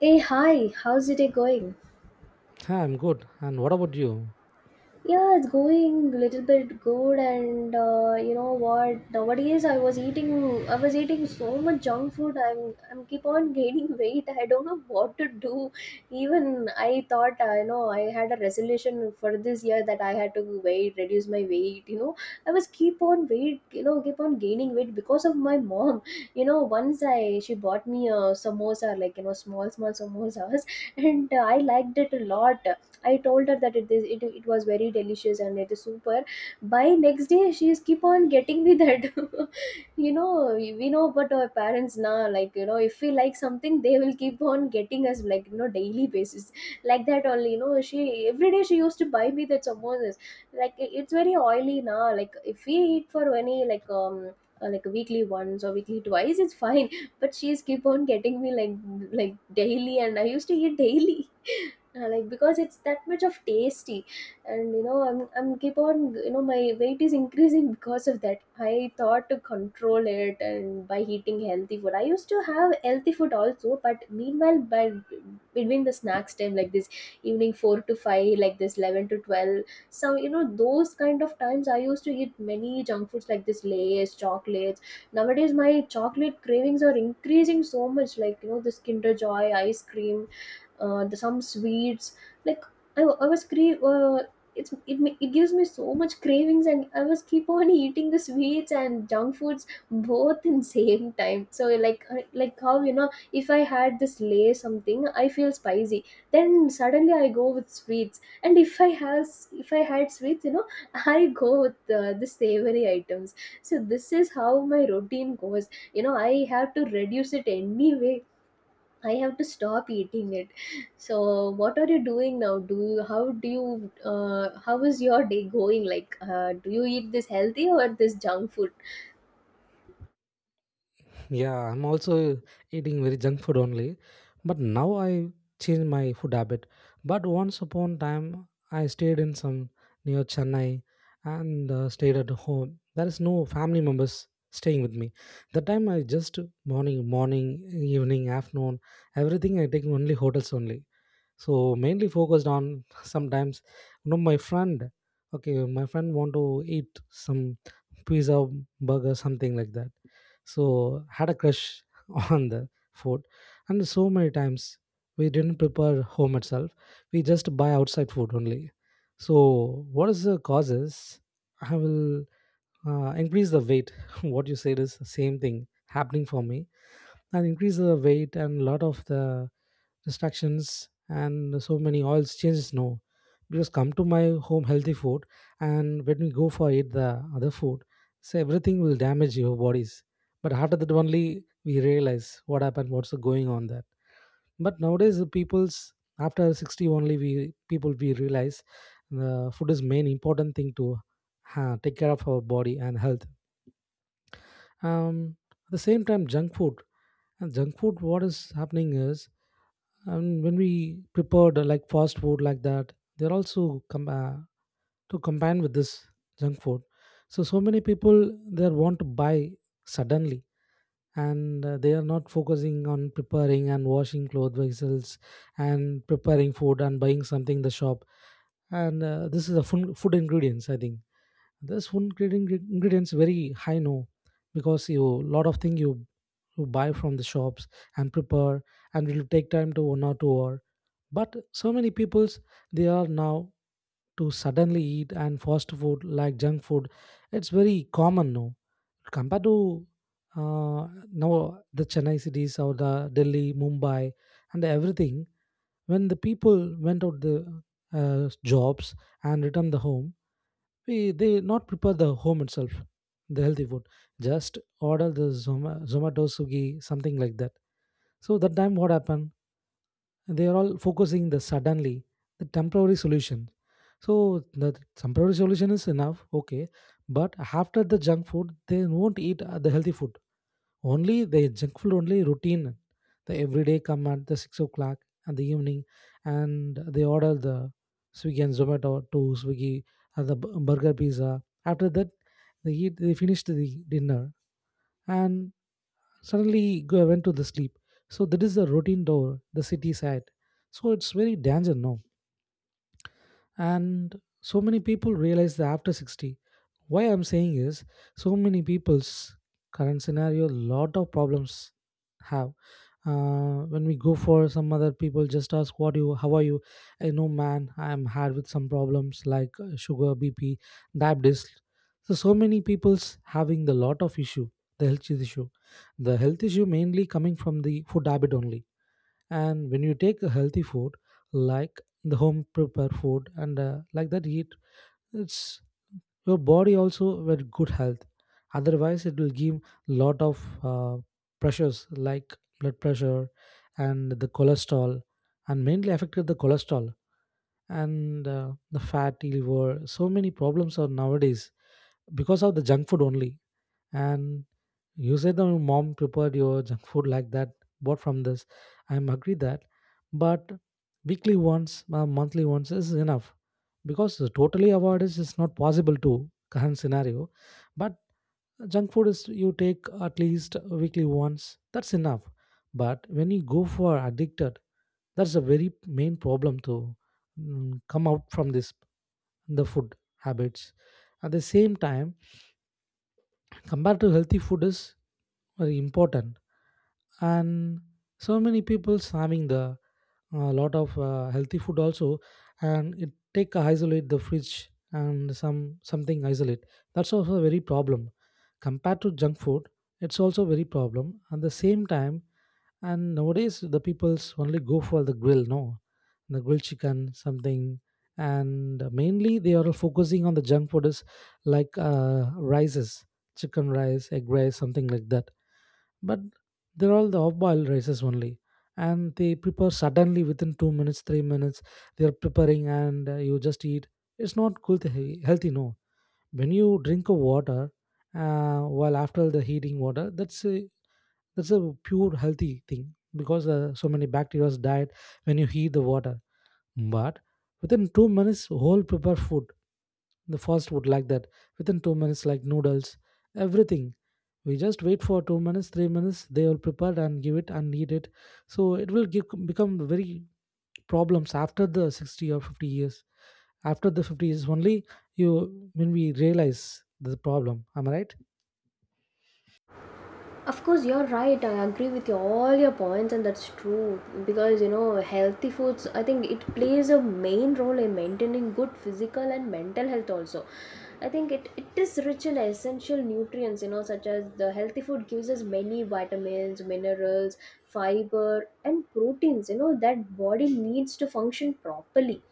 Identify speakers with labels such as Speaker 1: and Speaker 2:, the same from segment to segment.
Speaker 1: Hey, hi, how's your day going?
Speaker 2: Hi, I'm good. And what about you?
Speaker 1: Yeah, it's going a little bit good, and you know what? Nowadays, I was eating so much junk food. I'm keep on gaining weight. I don't know what to do. Even I thought, I know, I had a resolution for this year that I had to weight, reduce my weight. You know, I was keep on weight, keep on gaining weight because of my mom. You know, once I, she bought me a samosa, like you know, small, small samosas, and I liked it a lot. I told her that it was very delicious and it is super. By next day, she is keep on getting me that. You know, we know about our parents now. Like you know, if we like something, they will keep on getting us like you know daily basis, like that only. You know, she every day she used to buy me that samosas. Like it's very oily now. Like if we eat for any like weekly once or weekly twice it's fine, but she's keep on getting me like daily, and I used to eat daily. Yeah, like because it's that much of tasty. And you know, I'm keep on, you know, my weight is increasing because of that. I thought to control it, and by eating healthy food, I used to have healthy food also, but meanwhile by between the snacks time like this evening 4 to 5, like this 11 to 12. So you know, those kind of times I used to eat many junk foods like this lays, chocolates. Nowadays my chocolate cravings are increasing so much, like you know, this kinder joy ice cream, the some sweets, like I it gives me so much cravings, and I was keep on eating the sweets and junk foods both in same time. So like like how you know, if I had this lay something, I feel spicy, then suddenly I go with sweets, and if I had sweets, you know, I go with the savory items. So this is how my routine goes. You know, I have to reduce it anyway. I have to stop eating it. So, what are you doing now? Do you how is your day going? Like, do you eat this healthy or this junk food?
Speaker 2: Yeah, I'm also eating very junk food only. But now I changed my food habit. But once upon time, I stayed in some near Chennai and stayed at home. There is no family members staying with me. That time I just morning, morning, evening, afternoon, everything I take only hotels only. So mainly focused on sometimes you know my friend, okay, my friend want to eat some pizza, burger, something like that. So had a crush on the food, and so many times we didn't prepare home itself, we just buy outside food only. So what is the causes, I will increase the weight. What you said is the same thing happening for me, and increase the weight and lot of the restrictions and so many oils changes, no, because come to my home healthy food, and when we go for eat the other food, so everything will damage your bodies. But after that only we realize what happened, what's going on that. But nowadays the people's after 60 only we people we realize the food is main important thing to take care of our body and health. um, at the same time, junk food, and junk food, what is happening is, and when we prepared like fast food like that, they're also to combine with this junk food. So so many people they want to buy suddenly, and they are not focusing on preparing and washing clothes vessels, and preparing food and buying something in the shop. And this is the food, food ingredients, I think this ingredients very high, no, because you lot of thing you you buy from the shops and prepare, and will take time to 1 or 2 hour. But so many peoples they are now to suddenly eat and fast food like junk food, it's very common, no, compared to now the Chennai cities or the Delhi, Mumbai and everything. When the people went out the jobs and returned the home, we they not prepare the home itself the healthy food, just order the Zomato, Sugi, something like that. So that time what happened, they are all focusing the suddenly the temporary solution. So the temporary solution is enough, okay, but after the junk food they won't eat the healthy food, only the junk food, only routine. The everyday come at the 6 o'clock at the evening, and they order the Swiggy and Zomato to Swiggy and the burger, pizza. After that, they eat. They finished the dinner and suddenly go went to the sleep. So that is the routine door the city side. So it's very dangerous now, and so many people realize that after 60. Why I'm saying is, so many people's current scenario lot of problems have. When we go for some other people, just ask what you, how are you. I know, man, I'm hard with some problems like sugar, BP, diabetes. So so many people's having the lot of issue, the health issue. The health issue mainly coming from the food habit only. And when you take a healthy food like the home prepared food and like that eat, it's your body also with good health. Otherwise it will give lot of pressures like blood pressure and the cholesterol, and mainly affected the cholesterol and the fatty liver, so many problems are nowadays because of the junk food only. And you said that your mom prepared your junk food like that, bought from this. I'm agree that, but weekly once monthly once is enough, because totally avoid is not possible to current scenario. But junk food is you take at least weekly once, that's enough. But when you go for addicted, that's a very main problem to come out from this, the food habits. At the same time, compared to healthy food is very important. And so many people having the a lot of healthy food also, and it take a isolate the fridge and some something isolate, that's also a very problem. Compared to junk food, it's also very problem at the same time. And nowadays, the people's only go for the grill, no, the grilled chicken, something. And mainly, they are focusing on the junk food is like rices, chicken rice, egg rice, something like that. But they're all the off-boiled rices only, and they prepare suddenly within 2 minutes, 3 minutes. They are preparing, and you just eat. It's not cool, to healthy, no. When you drink a water while after the heating water, that's a pure healthy thing because so many bacteria died when you heat the water. But within 2 minutes whole prepare food, the fast food like that, within 2 minutes like noodles, everything we just wait for 2 minutes, 3 minutes, they will prepare and give it and eat it. So it will give, become very problems after the 60 or 50 years. After the 50 is only you when we realize the problem, am I right?
Speaker 1: Of course, you're right. I agree with you, all your points, and that's true. Because you know, healthy foods, I think it plays a main role in maintaining good physical and mental health also. I think it is rich in essential nutrients, you know, such as the healthy food gives us many vitamins, minerals, fiber, and proteins, you know, that body needs to function properly.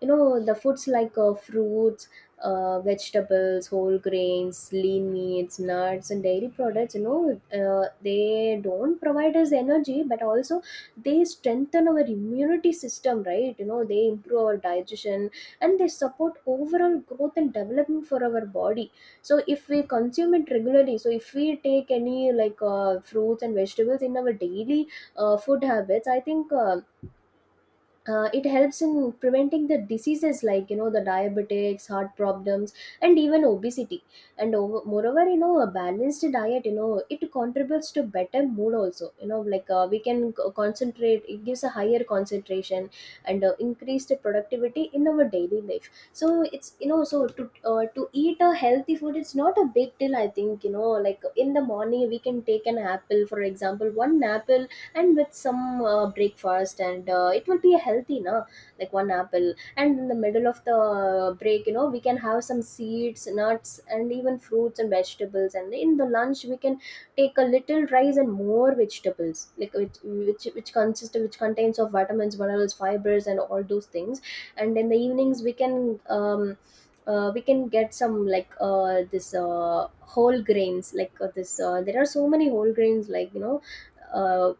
Speaker 1: You know, the foods like fruits, vegetables, whole grains, lean meats, nuts and dairy products, you know, they don't provide us energy but also they strengthen our immunity system, right? You know, they improve our digestion and they support overall growth and development for our body. So if we consume it regularly, so if we take any like fruits and vegetables in our daily food habits, I think it helps in preventing the diseases like you know the diabetics, heart problems, and even obesity. Moreover, you know, a balanced diet, you know, it contributes to better mood also, you know, like we can concentrate, it gives a higher concentration and increased productivity in our daily life. So it's, you know, so to eat a healthy food, it's not a big deal, I think. You know, like in the morning we can take an apple, for example one apple, and with some breakfast, and it will be healthy na, like one apple. And in the middle of the break, you know, we can have some seeds, nuts and even fruits and vegetables, and in the lunch we can take a little rice and more vegetables, like which contains of vitamins, minerals, fibers and all those things. And in the evenings we can get some like this whole grains, like this there are so many whole grains like you know, uh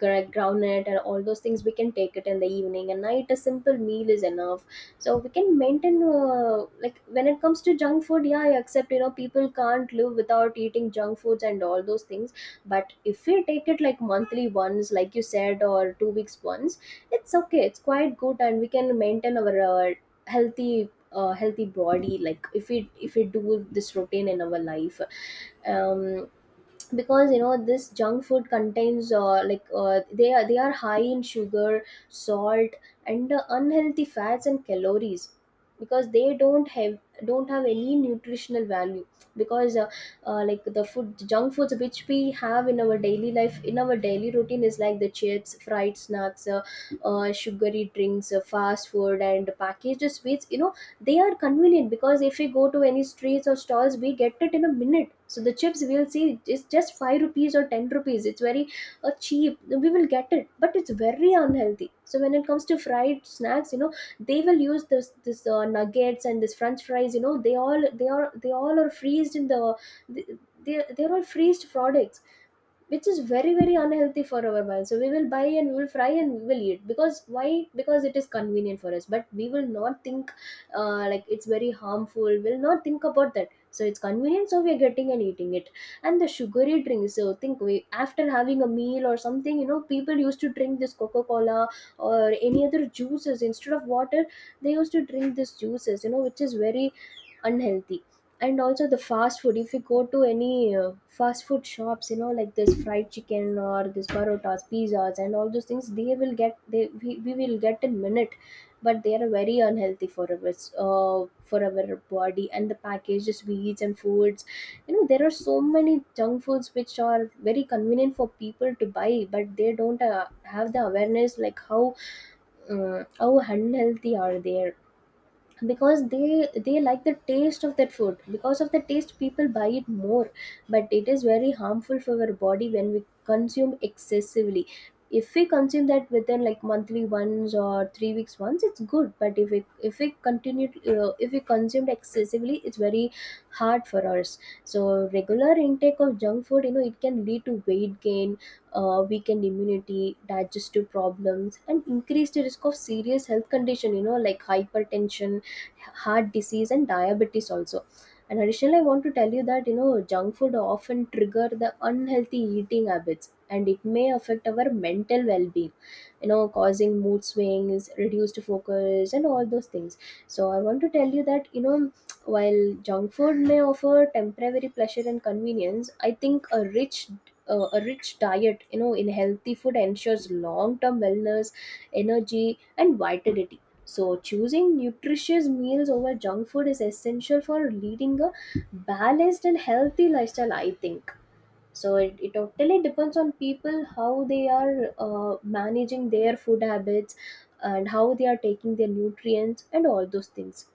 Speaker 1: groundnut and all those things, we can take it in the evening, and night a simple meal is enough. So we can maintain, like when it comes to junk food, yeah, I accept, you know, people can't live without eating junk foods and all those things, but if we take it like monthly once, like you said, or 2 weeks once, it's okay, it's quite good, and we can maintain our healthy healthy body, like if we do this routine in our life. Um, because you know this junk food contains they are high in sugar, salt, and unhealthy fats and calories, because they don't have, don't have any nutritional value. Because like the food, junk foods which we have in our daily life, in our daily routine is like the chips, fried snacks, sugary drinks, fast food and packaged sweets, you know. They are convenient because if we go to any streets or stalls, we get it in a minute. So the chips we'll see is just 5 rupees or 10 rupees, it's very cheap, we will get it, but it's very unhealthy. So when it comes to fried snacks, you know, they will use this nuggets and this french fries, you know, they are, they all are freezed in the they, they're all freezed products, which is very very unhealthy for our mind. So we will buy and we will fry and we will eat, because why? Because it is convenient for us, but we will not think, like it's very harmful, we'll not think about that. So it's convenient, so we're getting and eating it. And the sugary drinks, so think we after having a meal or something, you know, people used to drink this coca-cola or any other juices instead of water, they used to drink this juices, you know, which is very unhealthy. And also the fast food, if you go to any fast food shops, you know, like this fried chicken or this parotas, pizzas and all those things, they will get, we will get in minute, but they are very unhealthy for our body. And the packages we, and foods, you know, there are so many junk foods which are very convenient for people to buy, but they don't have the awareness like how unhealthy are they. Because they like the taste of that food, because of the taste people buy it more, but it is very harmful for our body when we consume excessively. If we consume that within like monthly once or 3 weeks once, it's good, but if we continue, if we consumed excessively, it's very hard for us. So regular intake of junk food, you know, it can lead to weight gain, weakened immunity, digestive problems and increased risk of serious health condition, you know, like hypertension, heart disease and diabetes also. And additionally, I want to tell you that, you know, junk food often trigger the unhealthy eating habits, and it may affect our mental well-being, you know, causing mood swings, reduced focus and all those things. So I want to tell you that, you know, while junk food may offer temporary pleasure and convenience, I think a rich diet, you know, in healthy food ensures long term wellness, energy and vitality. So, choosing nutritious meals over junk food is essential for leading a balanced and healthy lifestyle, I think. So, it totally depends on people how they are managing their food habits and how they are taking their nutrients and all those things.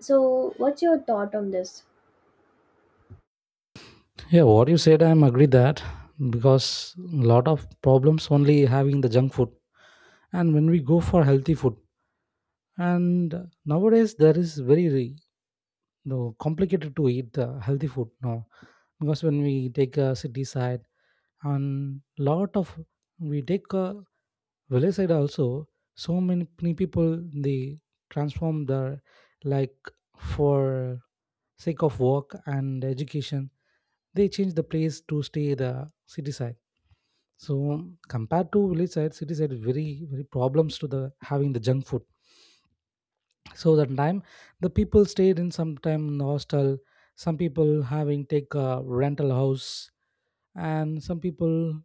Speaker 1: So, what's your thought on this?
Speaker 2: Yeah, what you said, I'm agree that, because lot of problems only having the junk food. And when we go for healthy food, and nowadays there is very no, complicated to eat the healthy food now, because when we take a city side, and lot of we take a village side also, so many, many people they transform their like for sick of work and education, they change the place to stay the city side. So compared to village side, city side very very problems to the having the junk food. So that time the people stayed in some time in hostel. Some people having take a rental house, and some people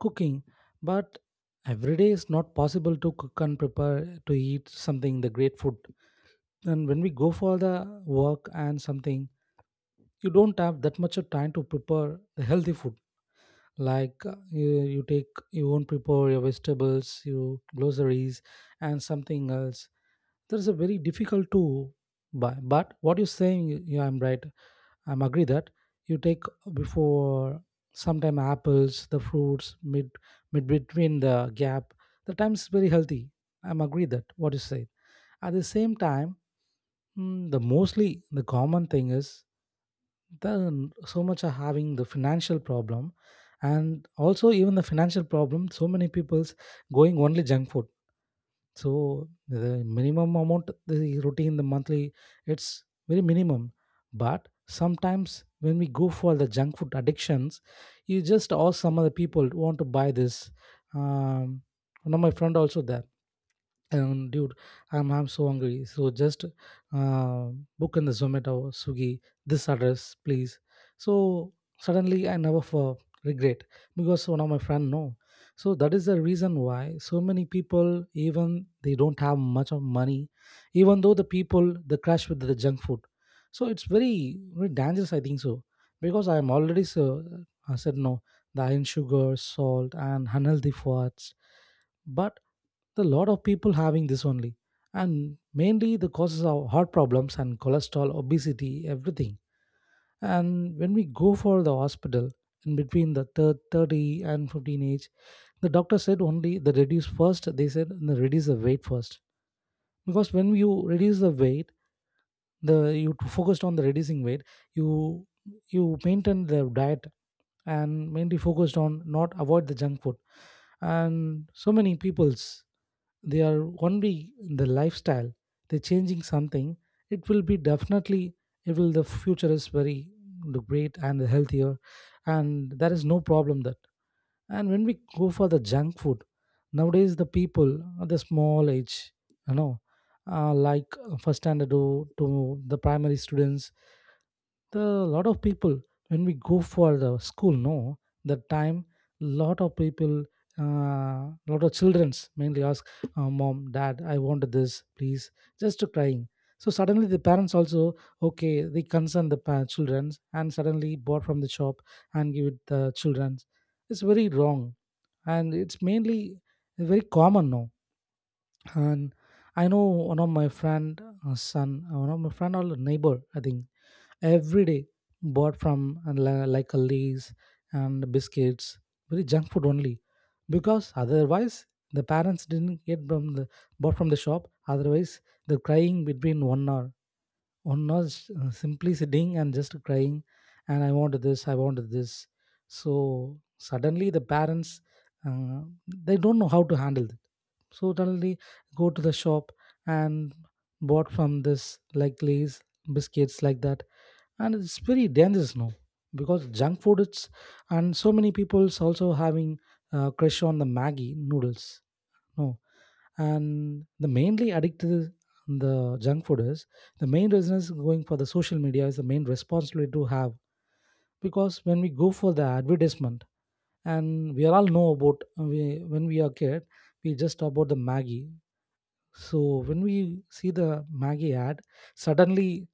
Speaker 2: cooking. But every day is not possible to cook and prepare to eat something the great food. And when we go for the work and something, you don't have that much of time to prepare the healthy food like you, you take you won't prepare your vegetables, your groceries and something else, that is a very difficult to buy. But what you're saying, yeah, I'm right, I'm agree that. You take before sometime apples, the fruits, mid between the gap, the time is very healthy. I'm agree that what you say. At the same time, the mostly the common thing is then so much are having the financial problem. And also even the financial problem, so many people's going only junk food. So the minimum amount, the routine, the monthly, it's very minimum. But sometimes when we go for the junk food addictions, you just ask some other people want to buy this. um One of my friend also there, and dude, I'm so hungry. So just uh, book in the Zomato, Swiggy, this address, please. So suddenly I never for regret, because one of my friend know. So that is the reason why so many people, even they don't have much of money, even though the people they crash with the junk food. So it's very very dangerous, I think so, because I am already so I said no, the iron, sugar, salt, and unhealthy fats. But the lot of people having this only, and mainly the causes of heart problems and cholesterol, obesity, everything. And when we go for the hospital in between the 30 and 15 age, the doctor said only the reduce first. They said the reduce the weight first because when you reduce the weight, the focused on the reducing weight, you you maintain the diet and mainly focused on not avoid the junk food, and so many people's they are only in the lifestyle, they're changing something, it will be definitely, it will the future is very great and healthier, and there is no problem that. And when we go for the junk food nowadays, the people at the small age, you know like first standard to the primary students, the lot of people, when we go for the school, no, the time lot of people, uh, lot of childrens, mainly are, mom, dad, I want this please, just to crying. So suddenly the parents also, okay, they concern the childrens and suddenly bought from the shop and give it the childrens. It's very wrong, and it's mainly very common now. And I know one of my friend, son, one of my friend or neighbor, I think, every day bought from like a lays and biscuits, very junk food only, because otherwise the parents didn't get from the, bought from the shop, otherwise they're crying between one hour. One was simply sitting and just crying and I wanted this, I wanted this. So suddenly the parents, uh, they don't know how to handle it, so suddenly go to the shop and bought from this like lays, biscuits like that. And it's very dangerous now because junk food it's, and so many people's also having, crush on the maggie noodles, no. And the mainly addicted is, the junk food is, the main reason is going for the social media is the main responsibility to have, because when we go for the advertisement and we are all know about when we are kid, we just talk about the maggie. So when we see the Maggie ad, suddenly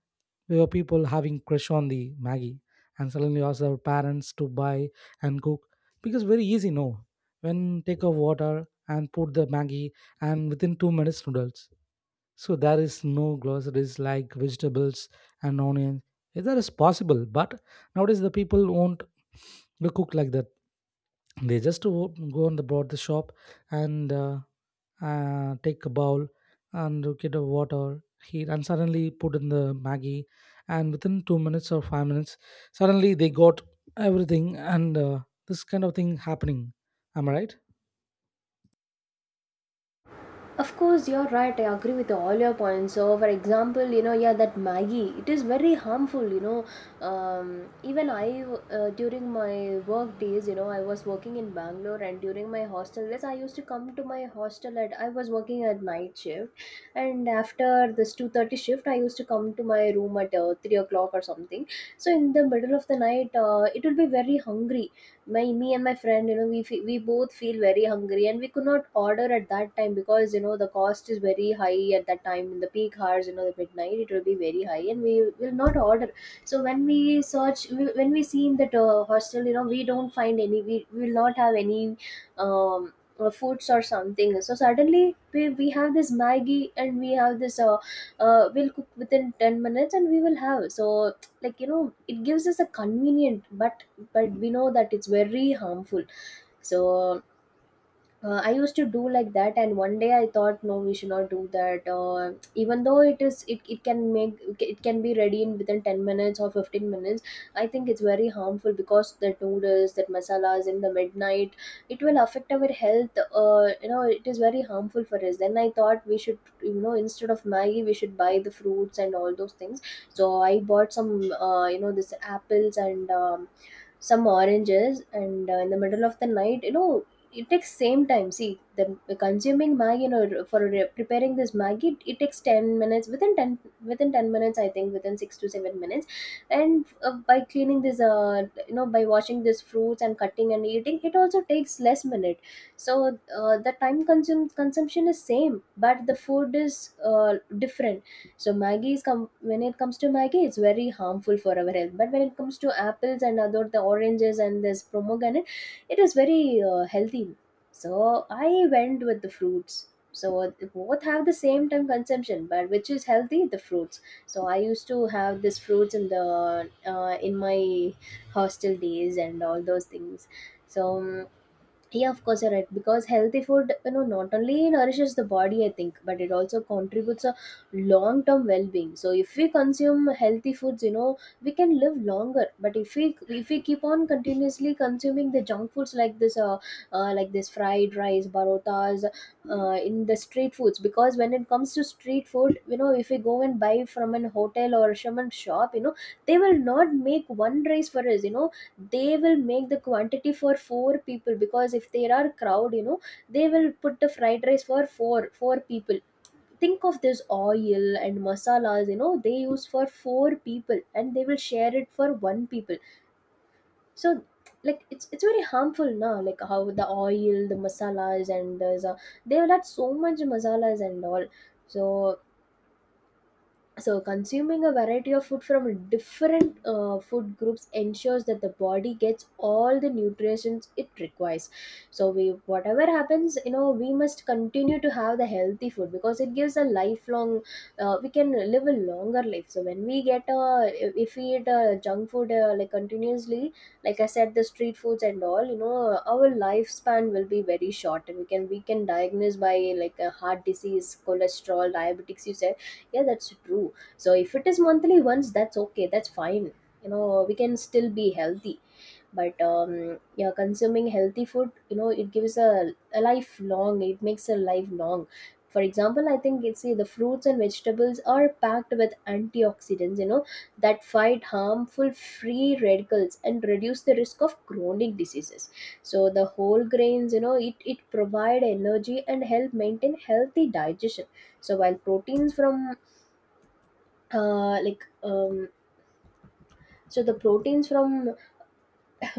Speaker 2: we were people having crush on the Maggie, and suddenly asked our parents to buy and cook because very easy. No, when take a water and put the Maggie, and within 2 minutes noodles. So there is no groceries like vegetables and onions. Eh, that is possible, but nowadays the people won't, they cook like that. They just go on the board the shop and take a bowl and get a water heat and suddenly put in the Maggie, and within 2 minutes or 5 minutes suddenly they got everything, and this kind of thing happening. Am I right?
Speaker 1: Of course, you're right. I agree with all your points. So, for example, you know, yeah, that Maggie, it is very harmful. You know, um, even I during my work days, you know, I was working in Bangalore, and during my hostel days, I used to come to my hostel at. I was working at night shift, and after this 2:30 shift, I used to come to my room at 3 o'clock or something. So in the middle of the night, it will be very hungry. My me and my friend, we both feel very hungry, and we could not order at that time because you know the cost is very high at that time in the peak hours. You know, the midnight it will be very high and we will not order. So when we search, when we see in that hostel, you know, we don't find any. We will not have any um foods or something. So suddenly we have this maggie, and we have this uh, we'll cook within 10 minutes and we will have. So like, you know, it gives us a convenient, but we know that it's very harmful. So I used to do like that, and one day I thought no, we should not do that. Even though it can make, it can be ready in within 10 minutes or 15 minutes. I think it's very harmful because the noodles, that masalas in the midnight, it will affect our health. You know, it is very harmful for us. Then I thought we should, you know, instead of maggie we should buy the fruits and all those things. So I bought some, you know, this apples, and some oranges, and in the middle of the night, you know, it takes same time. See, the consuming maggi, you know, for preparing this maggi, it takes 10 minutes. Within 10, within 10 minutes, I think within 6 to 7 minutes. And by cleaning this you know, by washing these fruits and cutting and eating, it also takes less minute. So the time consume consumption is same, but the food is uh, different. So when it comes to maggie, it's very harmful for our health, but when it comes to apples and other, the oranges and this pomegranate, it is very healthy. So I went with the fruits. So both have the same time consumption, but which is healthy? The fruits. So I used to have this fruits in the in my hostel days and all those things. So yeah, of course, you're right, because healthy food, you know, not only nourishes the body, I think, but it also contributes a long term well being. So if we consume healthy foods, you know, we can live longer. But if we keep on continuously consuming the junk foods like this, like this fried rice, parotas, in the street foods, because when it comes to street food, you know, if we go and buy from an hotel or from a shop, you know, they will not make one rice for us, you know. They will make the quantity for four people, because if there are crowd, you know, they will put the fried rice for four people. Think of this oil and masalas, you know, they use for four people, and they will share it for one people. So like it's very harmful. Now like how the oil, the masalas, and there's a, they will add so much masalas and all. So so, consuming a variety of food from different food groups ensures that the body gets all the nutrients it requires. So, we, whatever happens, you know, we must continue to have the healthy food because it gives a lifelong. We can live a longer life. So, when we get a, if we eat junk food like continuously, like I said, the street foods and all, you know, our lifespan will be very short, and we can diagnose by like a heart disease, cholesterol, diabetics. You said, yeah, that's true. So if it is monthly once, that's okay. That's fine. You know, we can still be healthy. But yeah, consuming healthy food, you know, it gives a life long. It makes a life long. For example, I think it's, see, the fruits and vegetables are packed with antioxidants, you know, that fight harmful free radicals and reduce the risk of chronic diseases. So the whole grains, you know, it provide energy and help maintain healthy digestion. So while proteins from uh, like um, so the proteins from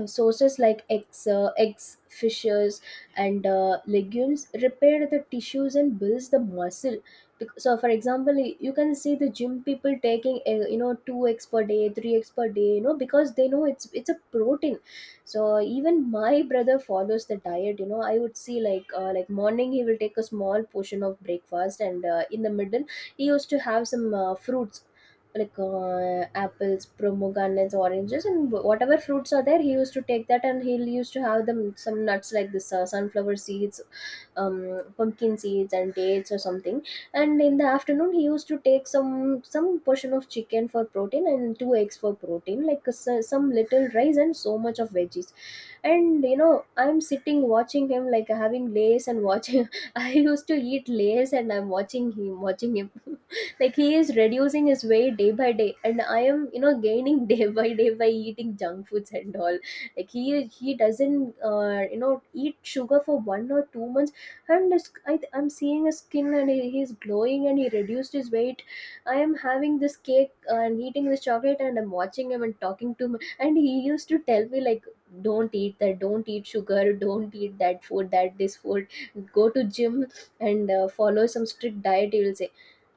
Speaker 1: sources like eggs, eggs, fishes, and legumes repair the tissues and builds the muscle. So, for example, you can see the gym people taking, you know, two eggs per day, three eggs per day, you know, because they know it's a protein. So even my brother follows the diet. You know, I would see like morning he will take a small portion of breakfast, and in the middle he used to have some fruits like apples, pomegranates, oranges, and whatever fruits are there. He used to take that, and he used to have them some nuts like this sunflower seeds, pumpkin seeds, and dates or something. And in the afternoon, he used to take some portion of chicken for protein and two eggs for protein, like some little rice and so much of veggies. And you know, I'm sitting watching him, like having lays and watching, I used to eat lays and I'm watching him, like he is reducing his weight day by day, and I am, you know, gaining day by day by eating junk foods and all. Like he doesn't you know, eat sugar for 1 or 2 months, and his, I'm seeing his skin, and he's glowing, and he reduced his weight. I am having this cake and eating this chocolate, and I'm watching him and talking to him, and he used to tell me like, don't eat that, don't eat sugar, don't eat that food, that this food, go to gym, and follow some strict diet. You will say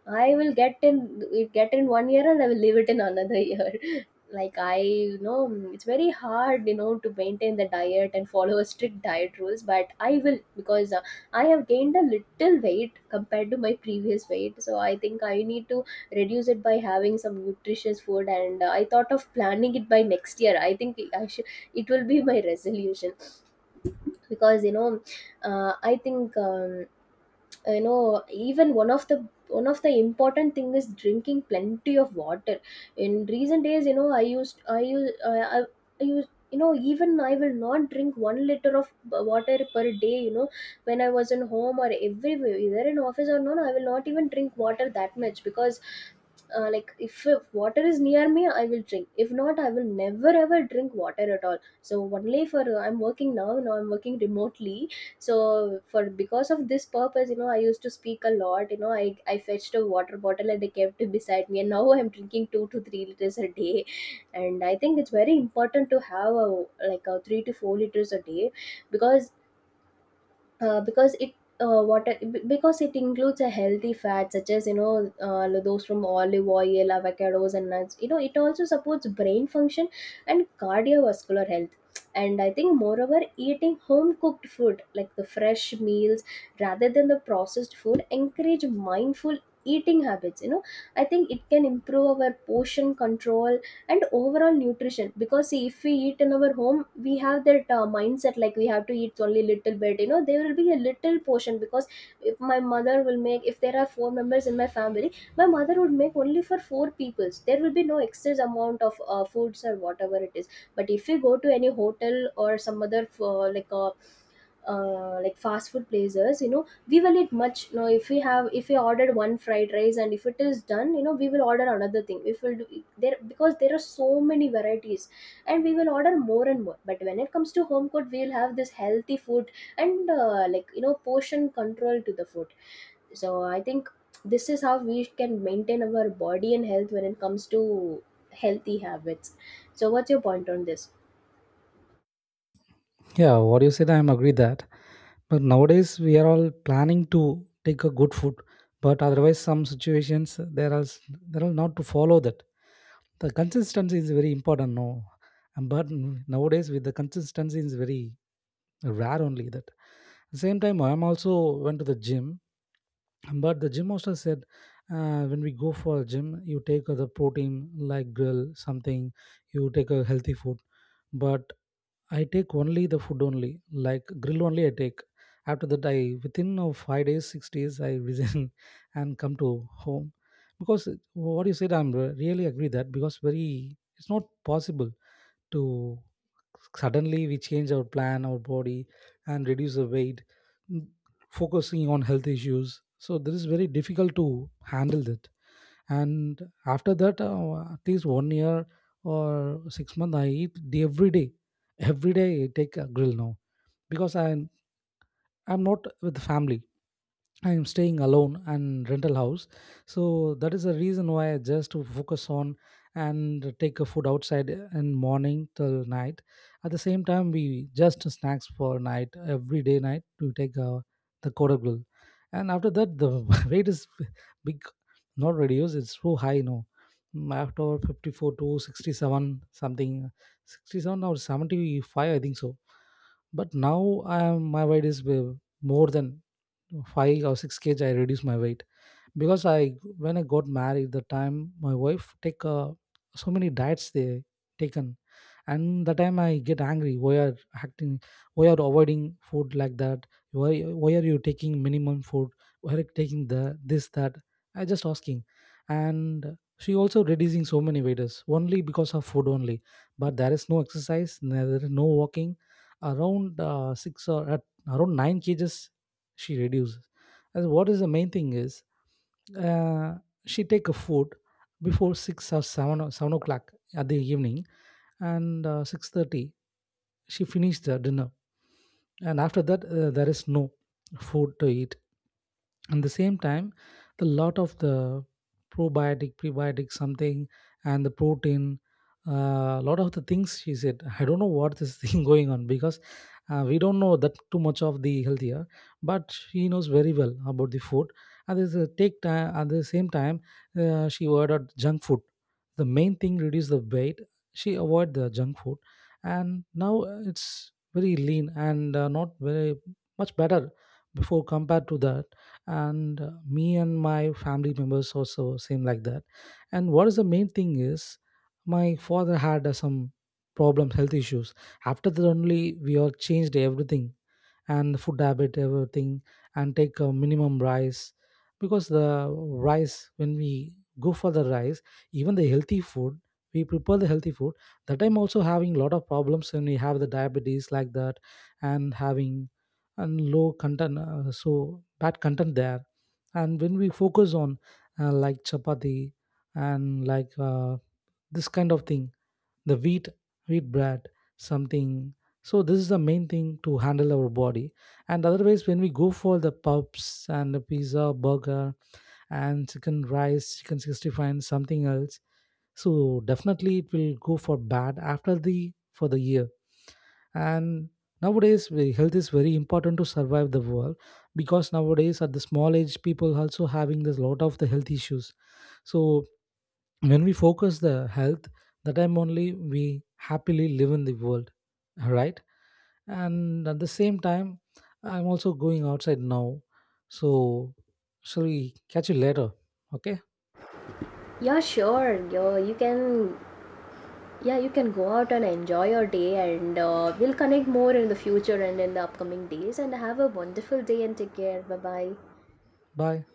Speaker 1: I will get in one year and I will leave it in another year. Like, I, you know, it's very hard, you know, to maintain the diet and follow a strict diet rules, but I will, because I have gained a little weight compared to my previous weight. So I think I need to reduce it by having some nutritious food, and I thought of planning it by next year. I think I should, it will be my resolution, because you know, I think you know, even one of the important thing is drinking plenty of water. In recent days, you know, I, I use, you know, even I will not drink 1 liter of water per day, you know. When I was in home or everywhere, either in office or not, I will not even drink water that much. Because like if water is near me I will drink, if not I will never ever drink water at all. So only for I'm working now, I'm working remotely. So for, because of this purpose, you know, I used to speak a lot, you know, I fetched a water bottle and I kept it beside me, and now I'm drinking 2 to 3 liters a day. And I think it's very important to have a, like a 3 to 4 liters a day. Because uh, because it uh, what I- because it includes a healthy fat, such as, you know, those from olive oil, avocados and nuts. You know, it also supports brain function and cardiovascular health. And I think, moreover, eating home cooked food like the fresh meals rather than the processed food encourage mindful eating habits, you know. I think it can improve our portion control and overall nutrition. Because see, if we eat in our home, we have that mindset like we have to eat only little bit, you know. There will be a little portion, because if my mother will make, if there are four members in my family, my mother would make only for four peoples. There will be no excess amount of foods or whatever it is. But if you go to any hotel or some other like fast food places, you know, we will eat much, you know. If we ordered one fried rice and if it is done, you know, we will order another thing, if we'll do there, because there are so many varieties, and we will order more and more. But when it comes to home cooked, we'll have this healthy food, and like, you know, portion control to the food. So I think this is how we can maintain our body and health when it comes to healthy habits. So what's your point on this?
Speaker 2: Yeah, what you said, I am agree that. But nowadays we are all planning to take a good food, but otherwise some situations there are there are not to follow that. The consistency is very important, no. And but nowadays with the consistency is very rare only that. Same time, I am also went to the gym, but the gym also said, when we go for a gym, you take the protein like grill something, you take a healthy food, but I take only the food only, like grill only I take. After that, I within of 5 days, 6 days, I resign and come to home because what you said, I'm really agree that, because very it's not possible to suddenly we change our plan, our body, and reduce the weight, mm, focusing on health issues. So this is very difficult to handle that. And after that, at least one year or 6 months I eat the every day, every day I take a grill now because I'm not with family. I am staying alone and rental house. So that is the reason why I just to focus on and take a food outside in morning till night. At the same time, we just snacks for night, every day night to take the Kodak grill. And after that, the weight is big, not reduced. It's so high now. Mm, after 54 to 67 something, 67 or 75, I think so. But now I am, my weight is, more than five or six kg I reduced my weight because I, when I got married the time, my wife take, so many diets they taken. And the time I get angry, why are acting, why are avoiding food like that, why why are you taking minimum food, why are you taking the this that, I just asking. And she also reducing so many weights only because of food only, but there is no exercise, there is no walking, around 6 or at around 9 kgs she reduces. And what is the main thing is, uh, she take a food before 6 or 7 or 7 o'clock at the evening, and 6:30 she finished the dinner. And after that, there is no food to eat. At the same time, the lot of the probiotic, prebiotic something, and the protein, a lot of the things she said, I don't know what this thing going on because, we don't know that too much of the healthier, but she knows very well about the food. And this take time. At the same time, she ordered junk food, the main thing reduce the weight, she avoid the junk food. And now it's very lean and not very much better before compared to that. And me and my family members also seem like that. And what is the main thing is, my father had, some problems, health issues. After that only we all changed everything, and the food habit everything, and take a minimum rice, because the rice, when we go for the rice, even the healthy food, we prepare the healthy food, that time also having a lot of problems when we have the diabetes like that, and having, and low content, so bad content there. And when we focus on, like chapati and like, this kind of thing, the wheat, bread, something. So this is the main thing to handle our body. And otherwise when we go for the pubs and the pizza, burger and chicken rice, chicken 65 and something else, so definitely it will go for bad after the, for the year. And nowadays health is very important to survive the world, because nowadays at the small age people also having this lot of the health issues. So when we focus the health, the time only we happily live in the world, right? And at the same time, I'm also going outside now. So shall we catch you later? Okay,
Speaker 1: Yeah, sure. yo You can, yeah, you can go out and enjoy your day, and we'll connect more in the future and in the upcoming days, and have a wonderful day, and take care, bye bye.
Speaker 2: bye.